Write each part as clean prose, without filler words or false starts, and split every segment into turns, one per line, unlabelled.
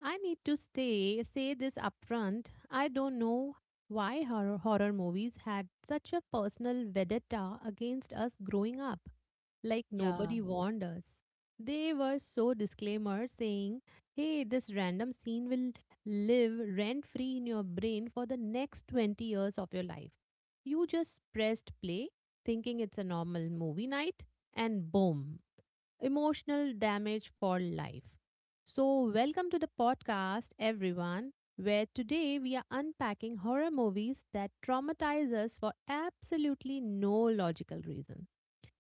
I need to stay say this upfront. I don't know why horror movies had such a personal vendetta against us growing up. Like
Yeah.
nobody warned us. They were so disclaimer saying, "Hey, this random scene will live rent free in your brain for the next 20 years of your life." You just pressed play, thinking it's a normal movie night, and boom emotional damage for life. So, welcome to the podcast, everyone, where today we are unpacking horror movies that traumatize us for absolutely no logical reason,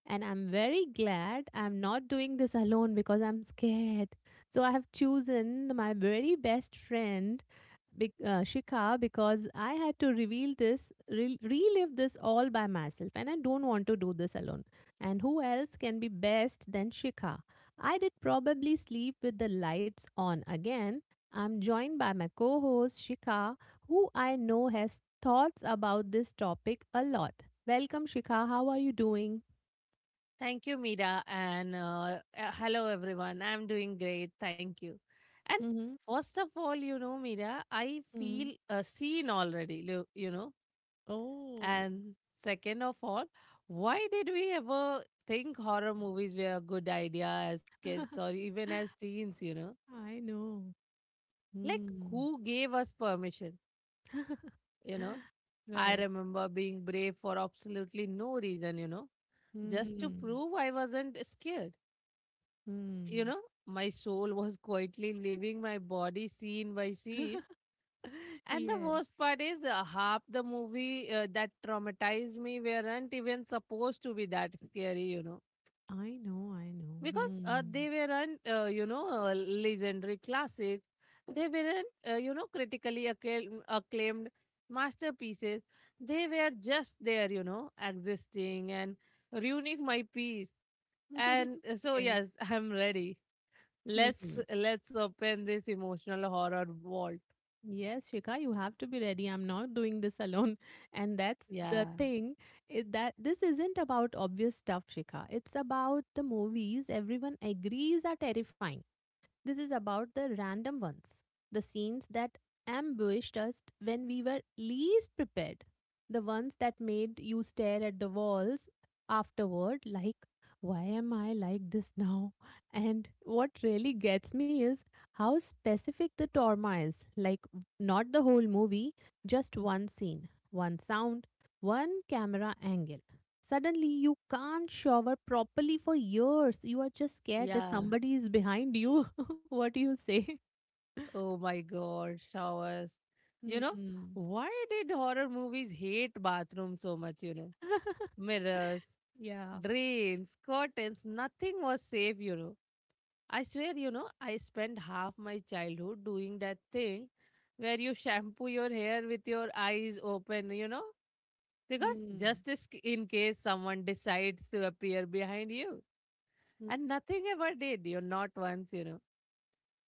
and I'm very glad I'm not doing this alone because I'm scared. So I have chosen my very best friend, Shika, because I had to relive this all by myself, and I don't want to do this alone. And who else can be best than Shikha? I did probably sleep with the lights on again. I'm joined by my co host Shikha, who I know has thoughts about this topic a lot. Welcome, Shikha. How are you doing?
Thank you, Mira. And hello, everyone. I'm doing great. Thank you. And
Mhm,
first of all, you know, Mira, I
mhm.
feel seen already, you know.
Oh.
And second of all, why did we ever think horror movies were a good idea as kids or even as teens, you know?
I know.
Like,
Mm.
who gave us permission, you know? I
Right.
remember being brave for absolutely no reason, you know, just to
Mm,
prove I wasn't scared, you
mm.
know, my soul was quietly leaving my body scene by scene. And the worst
Yes.
part is, half the movie that traumatized me weren't even supposed to be that scary, you know,
I know, I know.
because uh,
Mm.
they weren't, uh, you know, legendary classics. They weren't, you know, critically acclaimed masterpieces. They were just there, you know, existing and ruining my peace. And so,
Yes.
yes, I'm ready. Let's
Mhm.
let's open this emotional horror vault.
Yes, Shika, you have to be ready. I'm not doing this alone. And that's
Yeah.
the thing is that this isn't about obvious stuff, Shika. It's about the movies everyone agrees are terrifying. This is about the random ones, the scenes that ambushed us when we were least prepared, the ones that made you stare at the walls afterward, like, why am I like this now? And what really gets me is how specific the trauma is, like, not the whole movie, just one scene, one sound, one camera angle. Suddenly, you can't shower properly for years. You are just scared that
Yeah.
somebody is behind you. What do you say?
Oh my god, showers. You know,
hmm
why did horror movies hate bathrooms so much, you know? Mirrors,
Yeah.
drains, curtains, nothing was safe, you know. I swear, you know, I spent half my childhood doing that thing where you shampoo your hair with your eyes open, you know? Because
Mm.
just as in case someone decides to appear behind you.
Mm.
And nothing ever did, you know, not once, you know,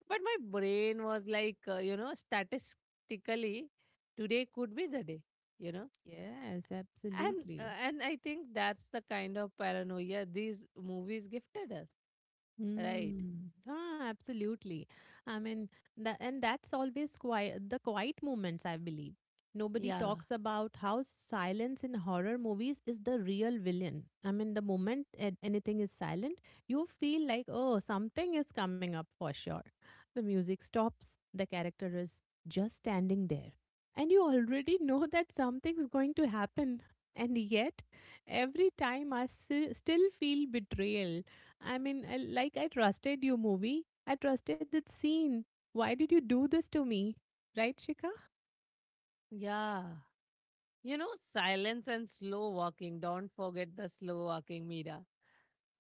but my brain was like, you know, statistically today could be the day, you know.
Yes,
and
absolutely.
uh, and I think that's the kind of paranoia these movies gifted us, right?
Mm. Ah, absolutely. I mean, tha and that's always quiet, the quiet moments, I believe. Nobody
Yeah,
talks about how silence in horror movies is the real villain. I mean, the moment anything is silent, you feel like, oh, something is coming up for sure. The music stops, the character is just standing there. And you already know that something's going to happen. And yet, every time still feel betrayal. I mean, like I trusted you, movie. I trusted that scene. Why did you do this to me? Right, Shika?
yeah, you know, silence and slow walking, don't forget the slow walking, Mira,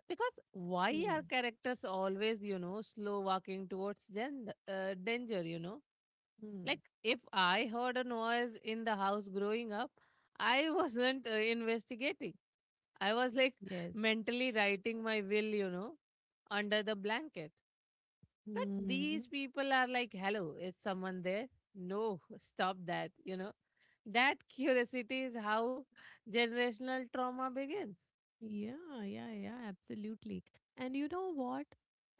because why are
Hmm.
characters always, you know, slow walking towards danger, you know?
Hmm.
Like, if I heard a noise in the house growing up, I wasn't investigating. I was like
Yes.
mentally writing my will, you know, under the blanket. But
Hmm.
these people are like, hello, is someone there? No, stop that, you know. That curiosity is how generational trauma begins.
Yeah, yeah, yeah, absolutely. And you know what?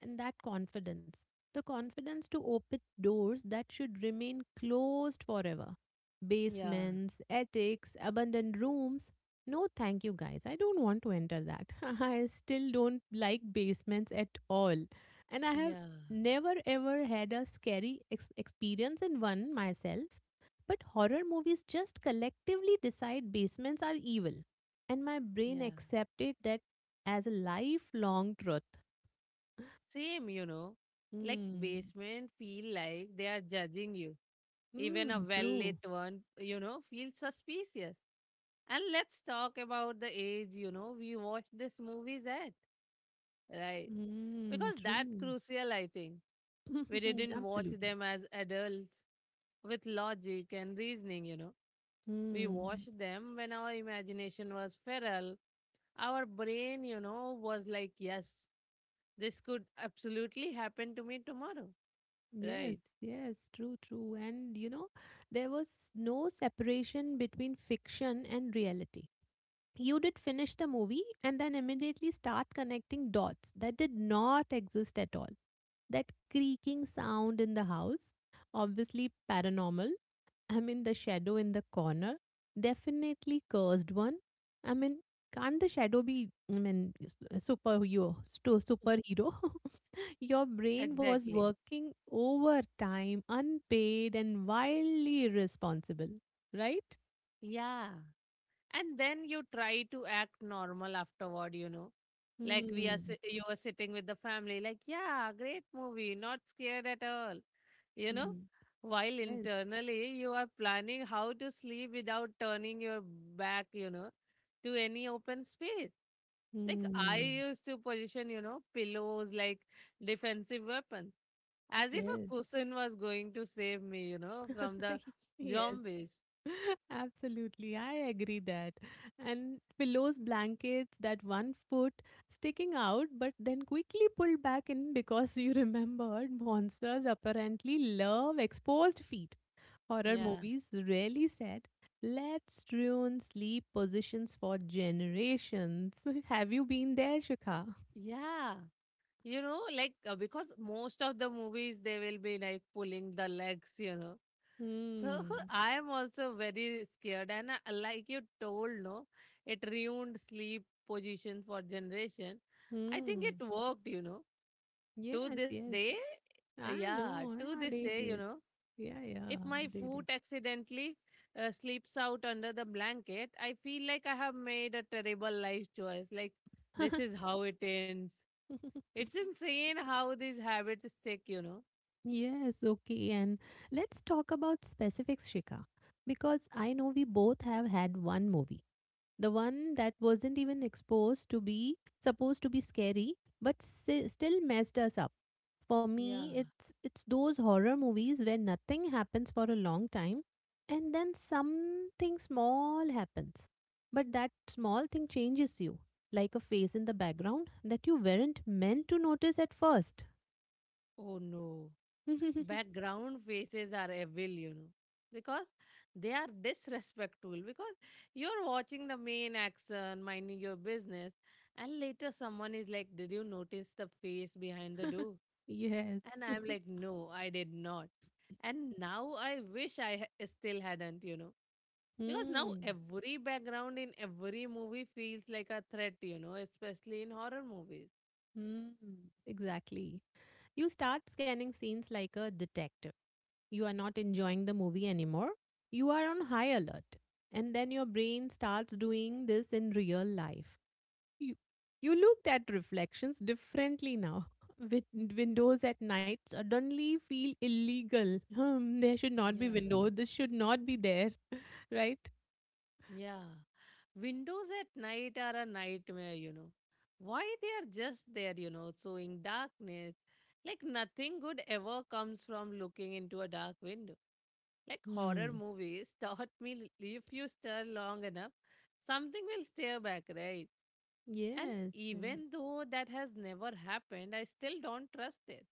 And that confidence, the confidence to open doors that should remain closed forever.
Yeah,
Basements, attics, abandoned rooms. No, thank you, guys. I don't want to enter that. I still don't like basements at all. And I have
yeah,
never ever had a scary experience in one myself. But horror movies just collectively decide basements are evil and my brain
yeah.
accepted that as a lifelong truth.
Same, you know. Like
Mm.
basement feel like they are judging you. Even a
Mm,
well
true.
lit one, you know, feels suspicious. And let's talk about the age, you know, we watched this movies at, right?
Mm,
Because that
true.
crucial, I think. We didn't watch
Absolutely.
them as adults with logic and reasoning, you know. We
Mm.
watched them when our imagination was feral. Our brain, you know, was like, yes, this could absolutely happen to me tomorrow.
Yes,
Right.
yes, true, true. And you know, there was no separation between fiction and reality. You did finish the movie and then immediately start connecting dots that did not exist at all. That creaking sound in the house, obviously paranormal. I mean, the shadow in the corner, definitely cursed one. I mean, can't the shadow be, I mean, superhero,
Yeah.
superhero? Your brain was
Exactly.
working overtime, unpaid, and wildly irresponsible, right?
Yeah. And then you try to act normal afterward, you know, like
Mm-hmm.
you are sitting with the family like yeah, great movie, not scared at all, you know, while
Yes.
internally you are planning how to sleep without turning your back, you know, to any open space. Like I
Mm.
used to position, you know, pillows like defensive weapons, as if a
Yes.
cushion was going to save me, you know, from the
yes.
zombies.
Absolutely, I agree that. And pillows, blankets, that one foot sticking out, but then quickly pulled back in because you remembered monsters apparently love exposed feet. Horror
Yeah,
movies rarely said, let's ruin sleep positions for generations. Have you been there, Shikha?
yeah, you know, like, because most of the movies they will be like pulling the legs, you know, so
Hmm.
I am also very scared and I, like you told no, it ruined sleep position for generation. I think
Hmm.
it worked, you know, to
Yes,
this
yes.
day. uh,
I
yeah
know.
to
Yeah,
this
they
day, you
did.
know, if
Yeah,
my
they
foot accidentally slips out under the blanket, I feel like I have made a terrible life choice, like this is how it ends.
did.
It's insane how these habits stick, you know.
Yes, okay. And let's talk about specifics, Shika, because I know we both have had one movie, the one that wasn't even exposed to be supposed to be scary, but still messed us up. For me,
Yeah.
it's those horror movies where nothing happens for a long time, and then something small happens, but that small thing changes you, like a face in the background that you weren't meant to notice at first.
Oh no. Background faces are evil, you know. Because they are disrespectful. Because you're watching the main action, minding your business, and later someone is like, did you notice the face behind the door?
Yes.
And I'm like, no, I did not. And now I wish still hadn't, you know. Because now
Hmm.
every background in every movie feels like a threat, you know, especially in horror movies.
Hmm. Exactly. You start scanning scenes like a detective. You are not enjoying the movie anymore. You are on high alert. And then your brain starts doing this in real life. You you looked at reflections differently now. Windows at night suddenly feel illegal. Hmm, there should not be
Yeah.
window. This should not be there, right?
Yeah. Windows at night are a nightmare, you know. Why they are just there, you know, so in darkness. Like nothing good ever comes from looking into a dark window. Like horror
Hmm.
movies taught me if you stare long enough, something will stare back, right? And
Yes.
even though that has never happened, I still don't trust it.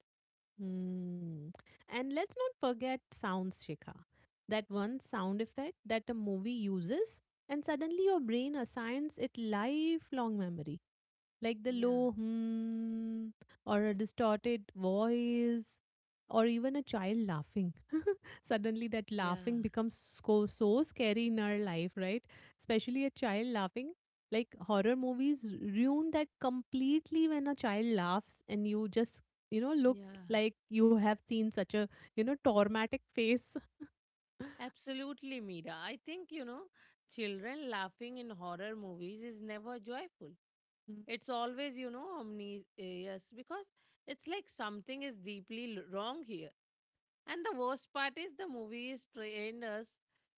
Hmm. And let's not forget sounds, Shikha. That one sound effect that a movie uses, and suddenly your brain assigns it lifelong memory like the
Yeah,
low hmm or a distorted voice or even a child laughing, suddenly that laughing
yeah,
becomes so, so scary in our life, right? Especially a child laughing, like horror movies ruin that completely when a child laughs and you just, you know, look
yeah.
like you have seen such a, you know, traumatic face.
Absolutely, Mira. I think, you know, children laughing in horror movies is never joyful.
Mm,
It's always, you know, ominous because it's like something is deeply wrong here. And the worst part is the movie is trained us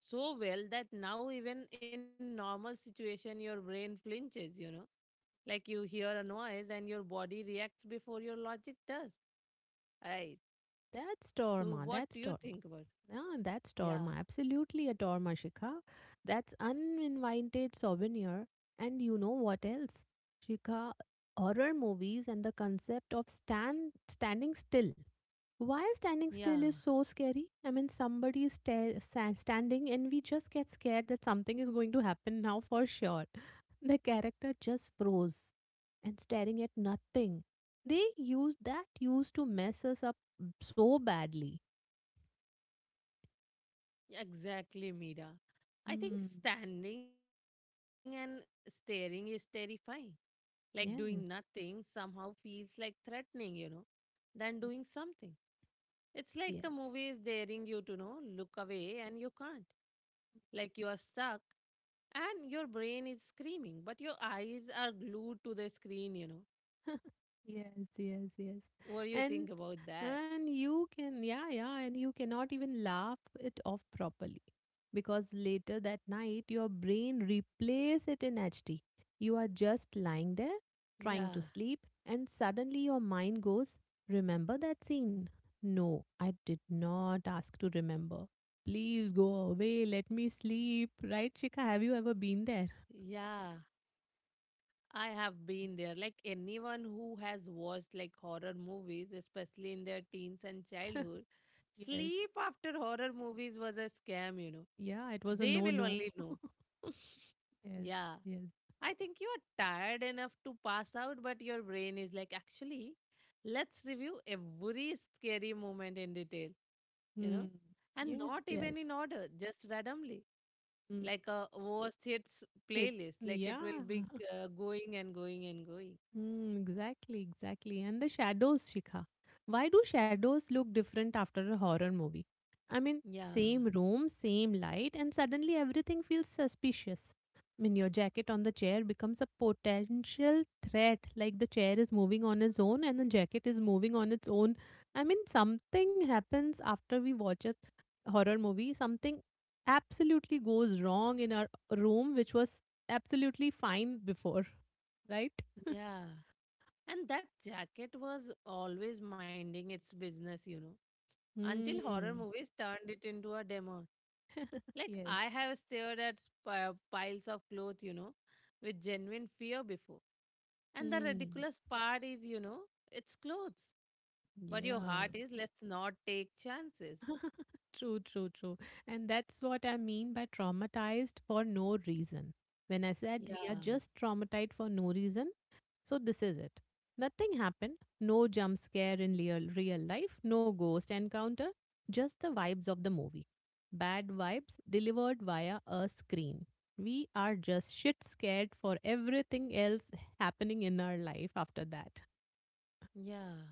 so well that now even in normal situation your brain flinches, you know. Like you hear a noise and your body reacts before your logic does. Right.
that's
So
trauma,
what do
that's
you
trauma.
think about?
Yeah, that's Torma.
Yeah.
Absolutely a Torma, Shikha. That's uninvited souvenir. And you know what else? Shikha, horror movies and the concept of standing still. Why standing still is so
Yeah.
scary? I mean, somebody is standing and we just get scared that something is going to happen now for sure. The character just froze and staring at nothing. They use that used to mess us up so badly.
Exactly, Mira. I think
Hmm.
standing and staring is terrifying. Like doing nothing somehow
Yes.
feels like threatening, you know, than doing something. It's like the movie is daring
Yes.
you to know, look away and you can't. Like you are stuck and your brain is screaming, but your eyes are glued to the screen, you know.
Yes, yes, yes.
What do you think
And
about that?
and you cannot even laugh it off properly because later that night your brain replays it in HD. You are just lying there
Yeah,
trying to sleep and suddenly your mind goes, "Remember that scene?" No, I did not ask to remember. Please go away, let me sleep. Right, Shika, have you ever been there?
yeah. I have been there. Like anyone who has watched like horror movies, especially in their teens and childhood,
Yes.
sleep after horror movies was a scam, you know.
Yeah, it was a
They will
no-no.
only know.
Yes,
Yeah.
yes.
I think you are tired enough to pass out, but your brain is like, actually, let's review every scary moment in detail, you know,
Mm.
and not
Yes,
even
yes.
in order, just randomly,
Mm.
like a worst hits
It,
playlist. Like it will
yeah.
be going and going and going.
Hmm. Exactly, exactly. And the shadows, Shikha. Why do shadows look different after a horror movie? I mean,
Yeah,
same room, same light, and suddenly everything feels suspicious. I mean, your jacket on the chair becomes a potential threat, like the chair is moving on its own and the jacket is moving on its own. I mean, something happens after we watch a horror movie, something absolutely goes wrong in our room, which was absolutely fine before, right?
yeah. And that jacket was always minding its business, you know, until horror
Mm.
movies turned it into a demo. Like,
Yes.
I have stared at piles of clothes, you know, with genuine fear before. And the
Mm,
ridiculous part is, you know, it's clothes. But your
yeah,
heart is, let's not take chances.
true, true, true. And that's what I mean by traumatized for no reason. When I said we are
Yeah,
just traumatized for no reason, so this is it. Nothing happened, no jump scare in real, real life, no ghost encounter, just the vibes of the movie. Bad vibes delivered via a screen. We are just shit scared for everything else happening in our life after that.
yeah.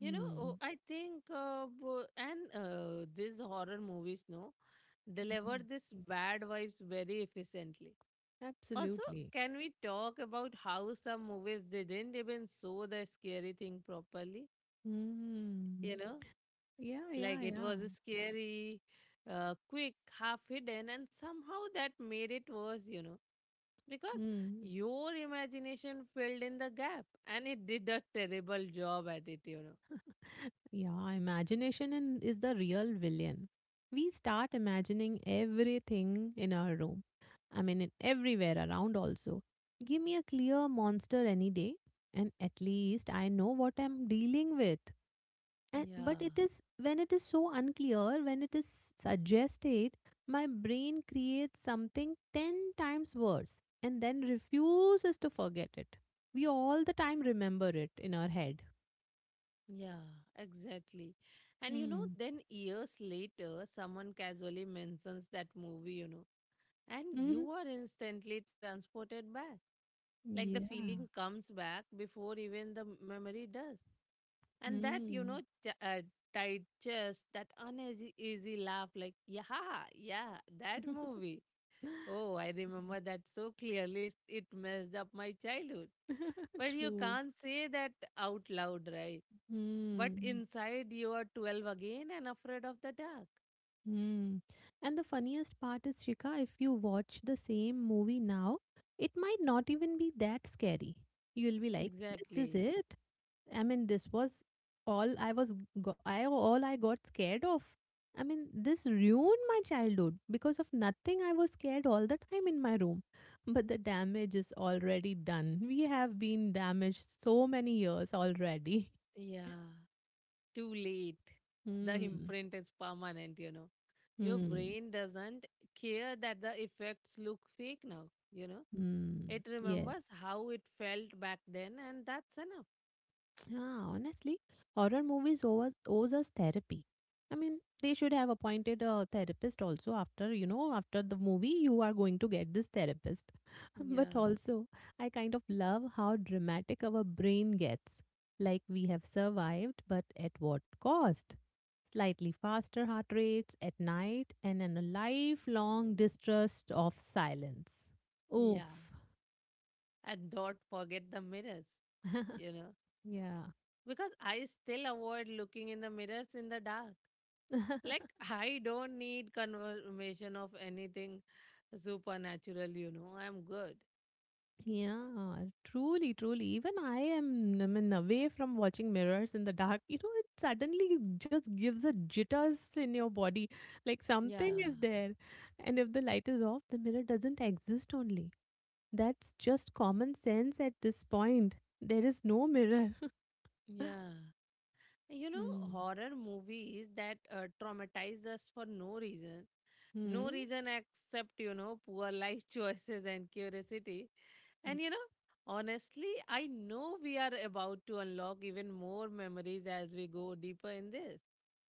You know, oh, I think, bo- and these horror movies, no, deliver this bad vibes very efficiently. Also,
Absolutely.
can we talk about how some movies they didn't even show the scary thing properly?
Mm.
You know,
Yeah, yeah,
like it
yeah.
was scary, quick, half hidden, and somehow that made it worse. You know, because
Mm.
your imagination filled in the gap, and it did a terrible job at it. You know.
Yeah, is the real villain. We start imagining everything in our room. I mean, in everywhere around also. Give me a clear monster any day, and at least I know what I'm dealing with. And, but
Yeah.
it is when it is so unclear, when it is suggested, my brain creates something 10 times worse and then refuses to forget it. We all the time remember it in our head.
Yeah, exactly. And you know,
Hmm.
then years later, someone casually mentions that movie, you know, and
Mhm.
you are instantly transported back. Like the feeling
Yeah.
comes back before even the memory does. And that, you know,
Hmm.
tight chest, that uneasy easy laugh, like, yeah, yeah, that movie.
Yeah.
Oh, I remember that so clearly. It messed up my childhood. But you
True.
can't say that out loud, right? But
Hmm.
inside, you are 12 again and afraid of the dark.
Hmm. And the funniest part is, Shika, if you watch the same movie now, it might not even be that scary. You'll be like, this is
Exactly.
it. I mean, this was all I was, go- I all I got scared of. I mean, this ruined my childhood because of nothing. I was scared all the time in my room, but the damage is already done. We have been damaged so many years already.
Yeah. Too late. The
Hmm.
imprint is permanent, you know. Your
Hmm.
brain doesn't care that the effects look fake now, you know.
Hmm.
It remembers
Yes.
how it felt back then, and that's enough.
Yeah, honestly, horror movies owes us therapy. I mean, they should have appointed a therapist also after, you know, after the movie, you are going to get this therapist.
Yeah.
But also, I kind of love how dramatic our brain gets. Like we have survived, but at what cost? Slightly faster heart rates at night and then a lifelong distrust of silence.
Yeah.
Oof.
And don't forget the mirrors, you know.
yeah.
Because I still avoid looking in the mirrors in the dark. Like, I don't need confirmation of anything supernatural, you know. I'm good.
Yeah, truly, truly. Even I am, I mean, away from watching mirrors in the dark, you know, it suddenly just gives a jitters in your body, like
Yeah,
something is there. And if the light is off, the mirror doesn't exist only. That's just common sense at this point. There is no mirror.
yeah. You know,
Hmm.
horror movies that traumatize us for no reason. No
Hmm.
reason except, you know, poor life choices and curiosity. And, you know, honestly, I know we are about to unlock even more memories as we go deeper in this.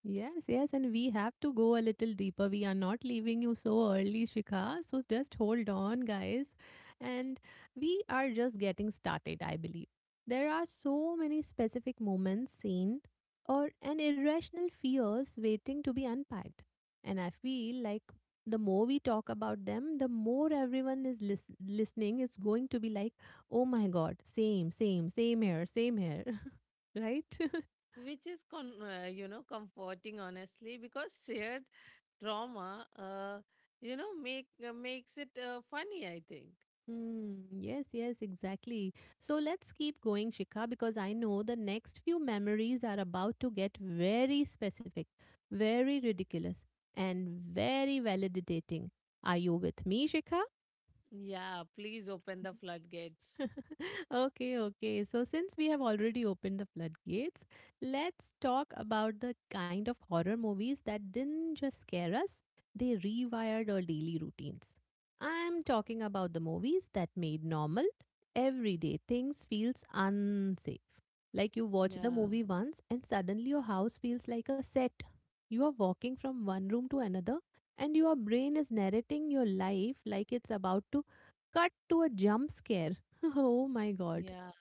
Yes, yes, and we have to go a little deeper. We are not leaving you so early, Shikha. So just hold on, guys. And we are just getting started, I believe. There are so many specific moments seen or and irrational fears waiting to be unpacked. And I feel like the more we talk about them, the more everyone is listening is going to be like, oh my God, same, same, same here, same here. Right?
Which is you know, comforting, honestly, because shared trauma, you know, makes it funny, I think.
Hmm. Yes, yes, exactly. So let's keep going, Shikha, because I know the next few memories are about to get very specific, very ridiculous, and very validating. Are you with me, Shikha?
Yeah, please open the floodgates.
Okay, okay. So, since we have already opened the floodgates, let's talk about the kind of horror movies that didn't just scare us, they rewired our daily routines. I'm talking about the movies that made normal, everyday things feels unsafe. Like you watch the
Yeah,
movie once and suddenly your house feels like a set. You are walking from one room to another and your brain is narrating your life like it's about to cut to a jump scare. Oh my God.
yeah.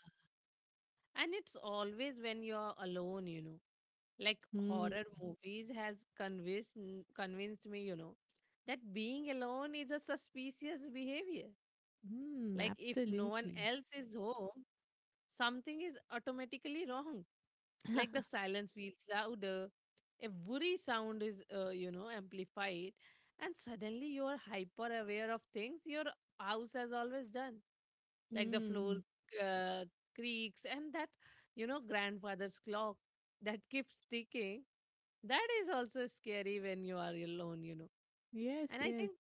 And it's always when you're alone, you know, like
Mm,
horror movies has convinced me, you know, that being alone is a suspicious behavior. Like
mm,
if no one else
absolutely.
is home, something is automatically wrong. Like the silence feels louder, a worry sound is, you know, amplified, and suddenly you're hyper aware of things your house has always done, like the floor
Mm,
uh, creaks and that, you know, grandfather's clock that keeps ticking. That is also scary when you are alone, you know.
yes,
And I
yes.
think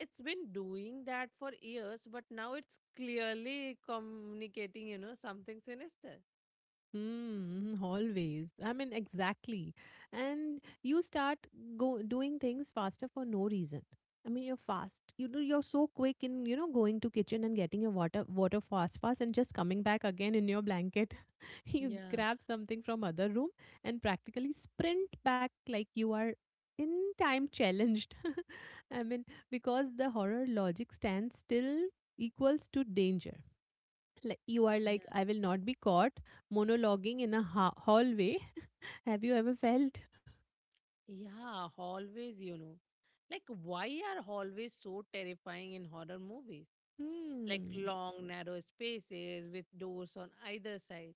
it's been doing that for years, but now it's clearly communicating, you know, something sinister.
Mm, always. I mean, exactly. And you start go doing things faster for no reason. I mean, you're fast. You do, you're so quick in, going to kitchen and getting your water fast and just coming back again in your blanket. You
Yeah.
grab something from other room and practically sprint back like you are in time challenged. I mean, because the horror logic stands still equals to danger, like, you are
Yeah.
like, I will not be caught monologuing in a hallway. Have you ever felt?
Yeah, hallways, you know. Like, why are hallways so terrifying in horror movies? Like
Hmm.
long, narrow spaces with doors on either side.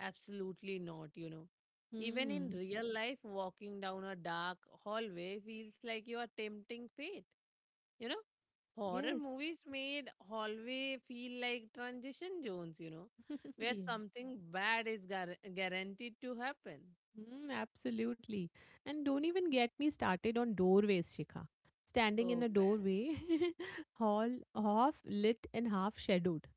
Absolutely not, you know. Even in
Hmm.
real life, walking down a dark hallway feels like you are tempting fate. You know, horror
Yes.
movies made hallway feel like transition zones, you know, where
Yes.
something bad is guaranteed to happen.
Mm, absolutely. And don't even get me started on doorways, Shikha. Standing in
Oh
a
man,
doorway, all half lit and half shadowed.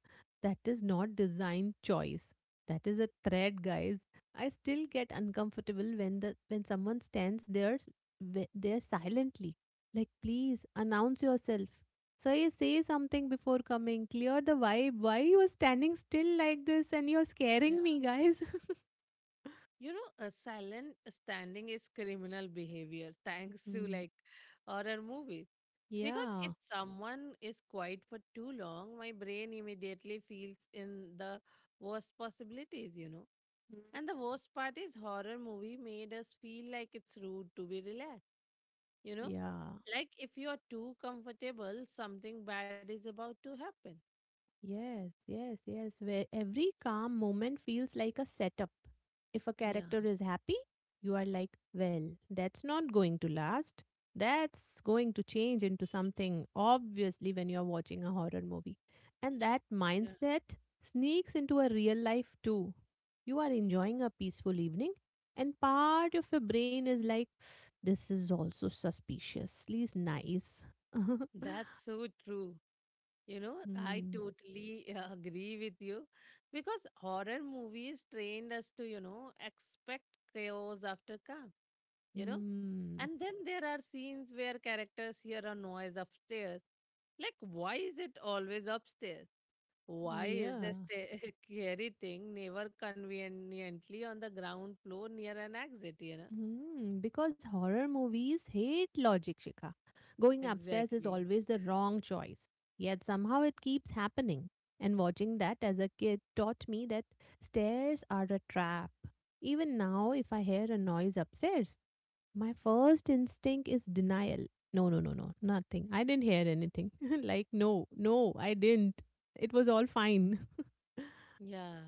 That is not design choice. That is a thread, guys. I still get uncomfortable when the when someone stands there there silently. Like, please announce yourself. Say something before coming. Clear the vibe. Why you are standing still like this and you're
yeah.
scaring me, guys?
You know, a silent standing is criminal behavior thanks to
Mm.
like horror movies. Because if
Yeah.
someone is quiet for too long, my brain immediately feels in the worst possibilities, you know.
Mm,
And the worst part is horror movie made us feel like it's rude to be relaxed, you know.
yeah.
Like if you are too comfortable, something bad is about to happen.
Yes, yes, yes. Where every calm moment feels like a setup. If a
Yeah,
character is happy, you are like, well, that's not going to last. That's going to change into something, obviously, when you're watching a horror movie. And that
yeah.
mindset sneaks into a real life too. You are enjoying a peaceful evening, and part of your brain is like, this is also suspiciously nice.
That's so true. You know, I
Hmm.
totally agree with you because horror movies trained us to, you know, expect chaos after calm you know
Hmm.
and then there are scenes where characters hear a noise upstairs. Like, why is it always upstairs? Why is the
Yeah.
scary thing never conveniently on the ground floor near an exit?
Hmm. Because horror movies hate logic, Shikha. Going upstairs is
Exactly.
always the wrong choice. Yet somehow it keeps happening. And watching that as a kid taught me that stairs are a trap. Even now, if I hear a noise upstairs, my first instinct is denial. No, no, no, no, nothing. I didn't hear anything. Like, no, no, I didn't. It was all fine.
Yeah,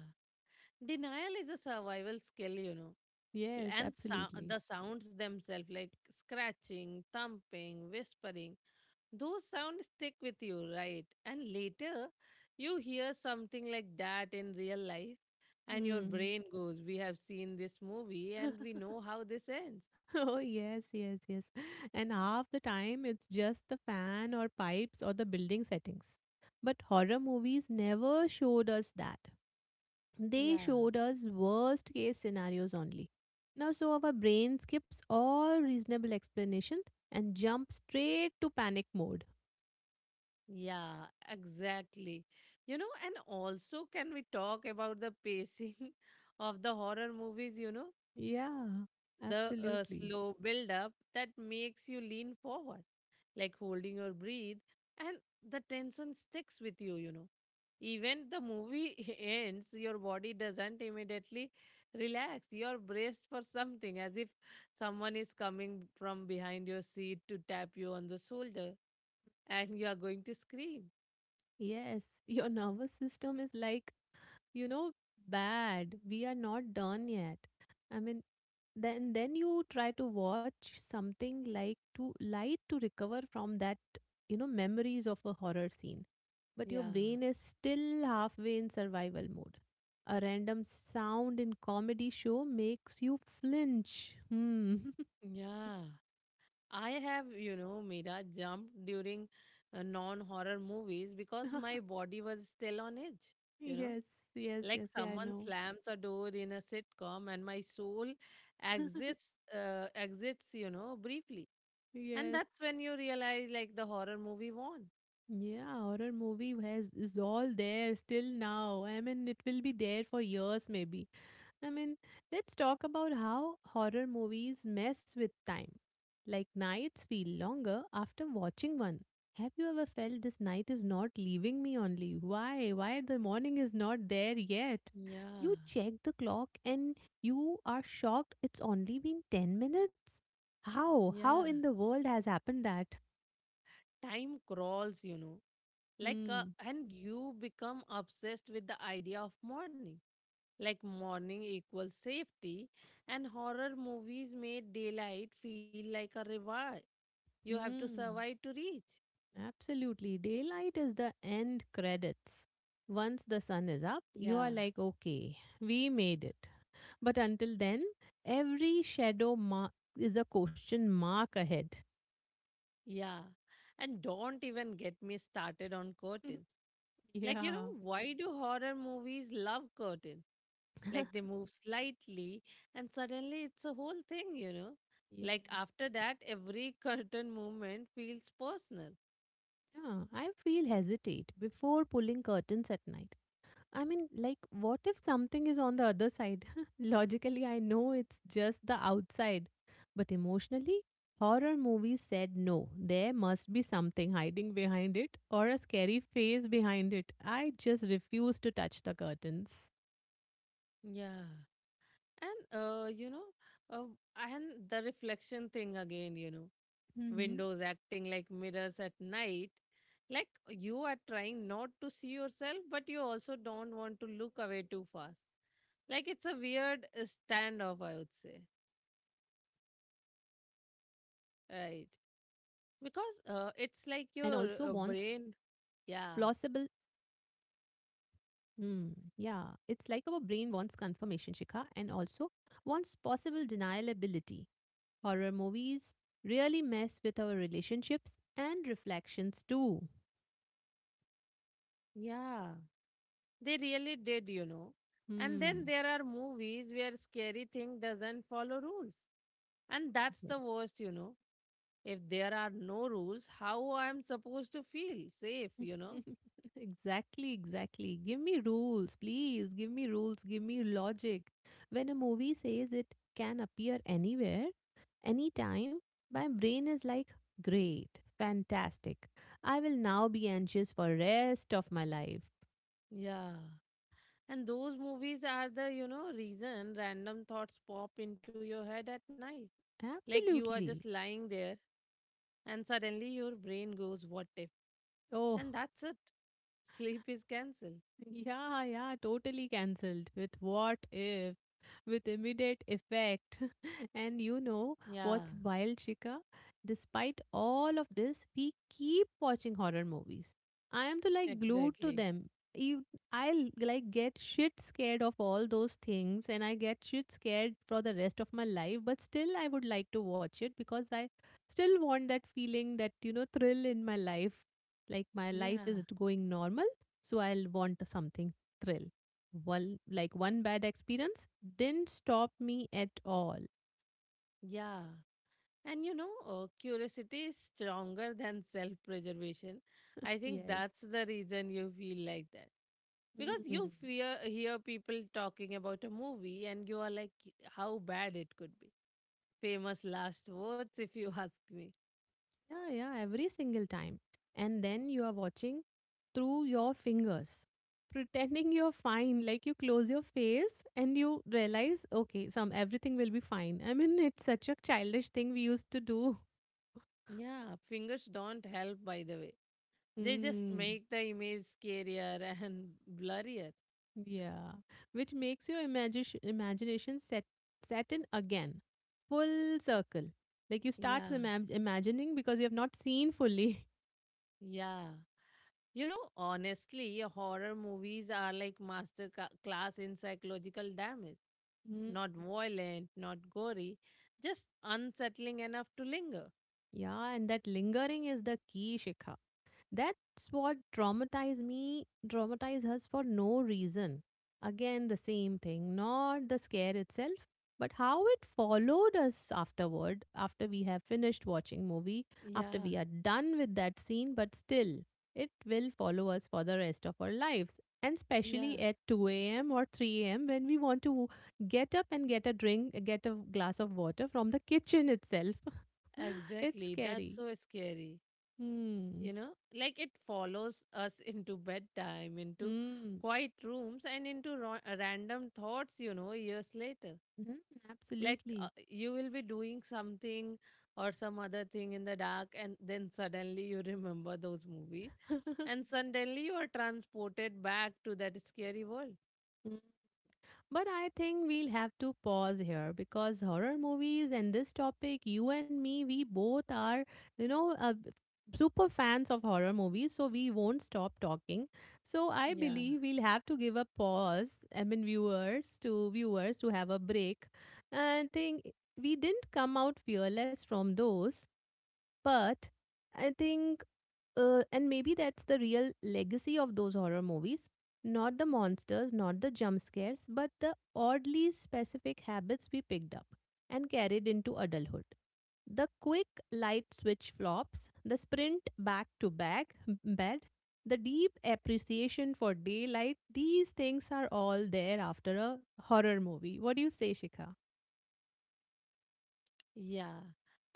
denial is a survival skill, you know.
Yes, absolutely.
The sounds themselves, like scratching, thumping, whispering. Those sounds stick with you, right? And later, you hear something like that in real life, and your
Hmm.
brain goes, we have seen this movie and we know how this ends.
Oh, yes, yes, yes. And half the time it's just the fan or pipes or the building settings. But horror movies never showed us that. They
Yeah,
showed us worst case scenarios only. Now, so our brain skips all reasonable explanation and jumps straight to panic mode.
yeah, exactly. You know, and also, can we talk about the pacing of the horror movies? You know,
Yeah,
the
absolutely.
slow build up that makes you lean forward, like holding your breath, and the tension sticks with you, you know. Even the movie ends, your body doesn't immediately relax. You're braced for something, as if someone is coming from behind your seat to tap you on the shoulder, and you are going to scream.
Yes, your nervous system is like, you know bad, we are not done yet. I mean, then you try to watch something like to light to recover from that, memories of a horror scene, but your
Yeah,
brain is still halfway in survival mode. A random sound in comedy show makes you flinch. Hmm.
yeah. I have, you know, Mira jumped during non horror movies because my body was still on edge, you know.
Yes, yes,
Like
yes, yeah, I
someone
know.
slams a door in a sitcom, and my soul exits, exits, you know, briefly. And
Yes.
that's when you realize, like, the horror movie won.
Yeah, horror movie has is all there still now. I mean, it will be there for years maybe. I mean, let's talk about how horror movies mess with time. Like nights feel longer after watching one. Have you ever felt this night is not leaving me only? Why? Why the morning is not there yet? You
Yeah,
check the clock and you are shocked it's only been 10 minutes? How? How
yeah.
in the world has happened that?
Time crawls, you know. Like,
Hmm.
and you become obsessed with the idea of morning. Like, morning equals safety, and horror movies made daylight feel like a reward you have to survive
Hmm.
to reach.
Absolutely. Daylight is the end credits. Once the sun is up, you
Yeah.
are like, okay, we made it. But until then, every shadow mark is a question mark ahead.
Yeah. And don't even get me started on curtains. Like, you
Yeah.
know, why do horror movies love curtains? Like, they move slightly, and suddenly it's a whole thing, you know? Like,
Yeah.
after that, every curtain movement feels personal.
Yeah, I feel hesitate before pulling curtains at night. I mean, like, what if something is on the other side? Logically, I know it's just the outside. But emotionally, horror movies said no, there must be something hiding behind it or a scary face behind it. I just refuse to touch the curtains.
Yeah. And, you know, uh, and the reflection thing again, you know,
Mm-hmm.
windows acting like mirrors at night. Like you are trying not to see yourself, but you also don't want to look away too
Hmm,
fast.
absolutely.
Like it's a weird
It's like
standoff, I would
our
say.
brain wants confirmation and
Right.
also wants
Because it's like
plausible.
your brain. Yeah.
Hmm. Yeah. It's like our brain wants confirmation, Shikha, and also wants possible denialability. Horror movies really mess with our relationships and reflections too.
Yeah. They really did, you know. And then
Hmm.
there are movies where scary thing doesn't follow rules. And that's
Yeah.
the worst, you know. If there are no rules, how I'm supposed to feel safe, you know?
Exactly, exactly. Give me rules, please. Give me rules. Give me logic. When a movie says it can appear anywhere, anytime, my brain is like, great, fantastic. I will now be anxious for rest of my life.
Yeah. And those movies are the, you know, reason random thoughts pop into your head at night. Like you are just
Absolutely.
lying there and suddenly your brain goes, what if? And
Oh,
that's it. Sleep is cancelled.
yeah, yeah, totally cancelled with what if, with immediate effect. And you know
Yeah,
what's wild, Shika? Despite all of this, we keep watching horror movies. I am to like glued to
exactly.
them. Ev- I'll like get shit scared of all those things and I get shit scared for the rest of my life, but still I would like to watch it because I still want that feeling, that, thrill in my life. Like my life
Yeah,
is going normal so I'll want something thrill. Well, like one bad experience didn't stop me at all.
yeah. And you know, curiosity is stronger than self preservation. I think
Yes.
that's the reason you feel like that. Because
Mm.
you fear hear people talking about a movie and you are like how bad it could be. Famous last words if you ask me.
Yeah, yeah, every single time. And then you are watching through your fingers, pretending you're fine. Like you close your face and you realize, okay, some everything will be fine. I mean, it's such a childish thing we used to do.
Yeah, fingers don't help by the way. They just
Mm.
make the image scarier and blurrier.
Yeah, which makes your imagination set in again, full circle. Like you start
Yeah,
imagining because you have not seen fully.
yeah. You know, honestly, horror movies are like master class in psychological damage.
Mm.
Not violent, not gory, just unsettling enough to linger.
Yeah, and that lingering is the key, Shikha. That's what traumatized me, traumatized us for no reason. Again, the same thing, not the scare itself, but how it followed us afterward, after we have finished watching movie, after
Yeah,
we are done with that scene, but still, it will follow us for the rest of our lives. And especially
yeah.
at 2 a.m. or 3 a.m. when we want to get up and get a drink, get a glass of water from the kitchen itself. It's
Exactly.
scary.
That's so scary.
Hmm.
You know, like it follows us into bedtime, into
Hmm.
quiet rooms, and into random thoughts, you know, years later.
Mhm.
Like
Absolutely.
you will be doing something or some other thing in the dark, and then suddenly you remember those movies, and suddenly you are transported back to that scary world.
Mm. But I think we'll have to pause here because horror movies and this topic, you and me, we both are, you know, uh, super fans of horror movies. So we won't stop talking. So I
Yeah.
believe we'll have to give a pause, I mean, viewers to have a break and think we didn't come out fearless from those, but I think and maybe that's the real legacy of those horror movies. Not the monsters, not the jump scares, but the oddly specific habits we picked up and carried into adulthood. The quick light switch flops, the sprint back to bed, the deep appreciation for daylight, these things are all there after a horror movie. What do you say, Shikha?
Yeah.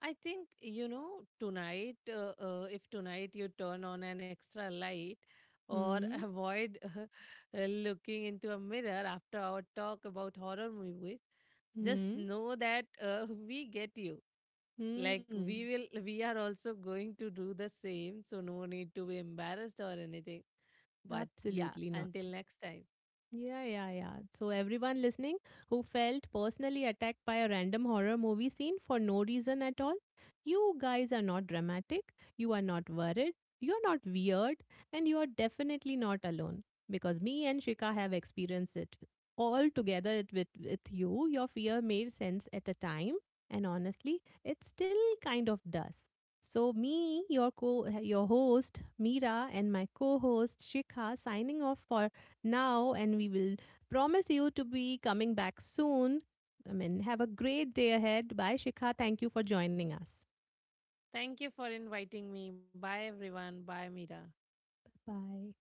I think, you know, tonight, if tonight you turn on an extra light or
Hmm?
avoid looking into a mirror after our talk about horror movies, just
Hmm?
know that we get you. Like
Hmm?
we are also going to do the same. So no need to be embarrassed or anything. But yeah,
Absolutely not.
until next time.
Yeah, yeah, yeah. So, everyone listening who felt personally attacked by a random horror movie scene for no reason at all, you guys are not dramatic, you are not worried, you are not weird, and you are definitely not alone. Because me and Shika have experienced it all together it with you. Your fear made sense at a time, and honestly, it still kind of does. So, me, your co your host, Mira, and my co host, Shika, signing off for now, and we will promise you to be coming back soon. I mean, have a great day ahead. Bye, Shikha. Thank you for joining us.
Thank you for inviting me. Bye, everyone. Bye, Mira.
Bye.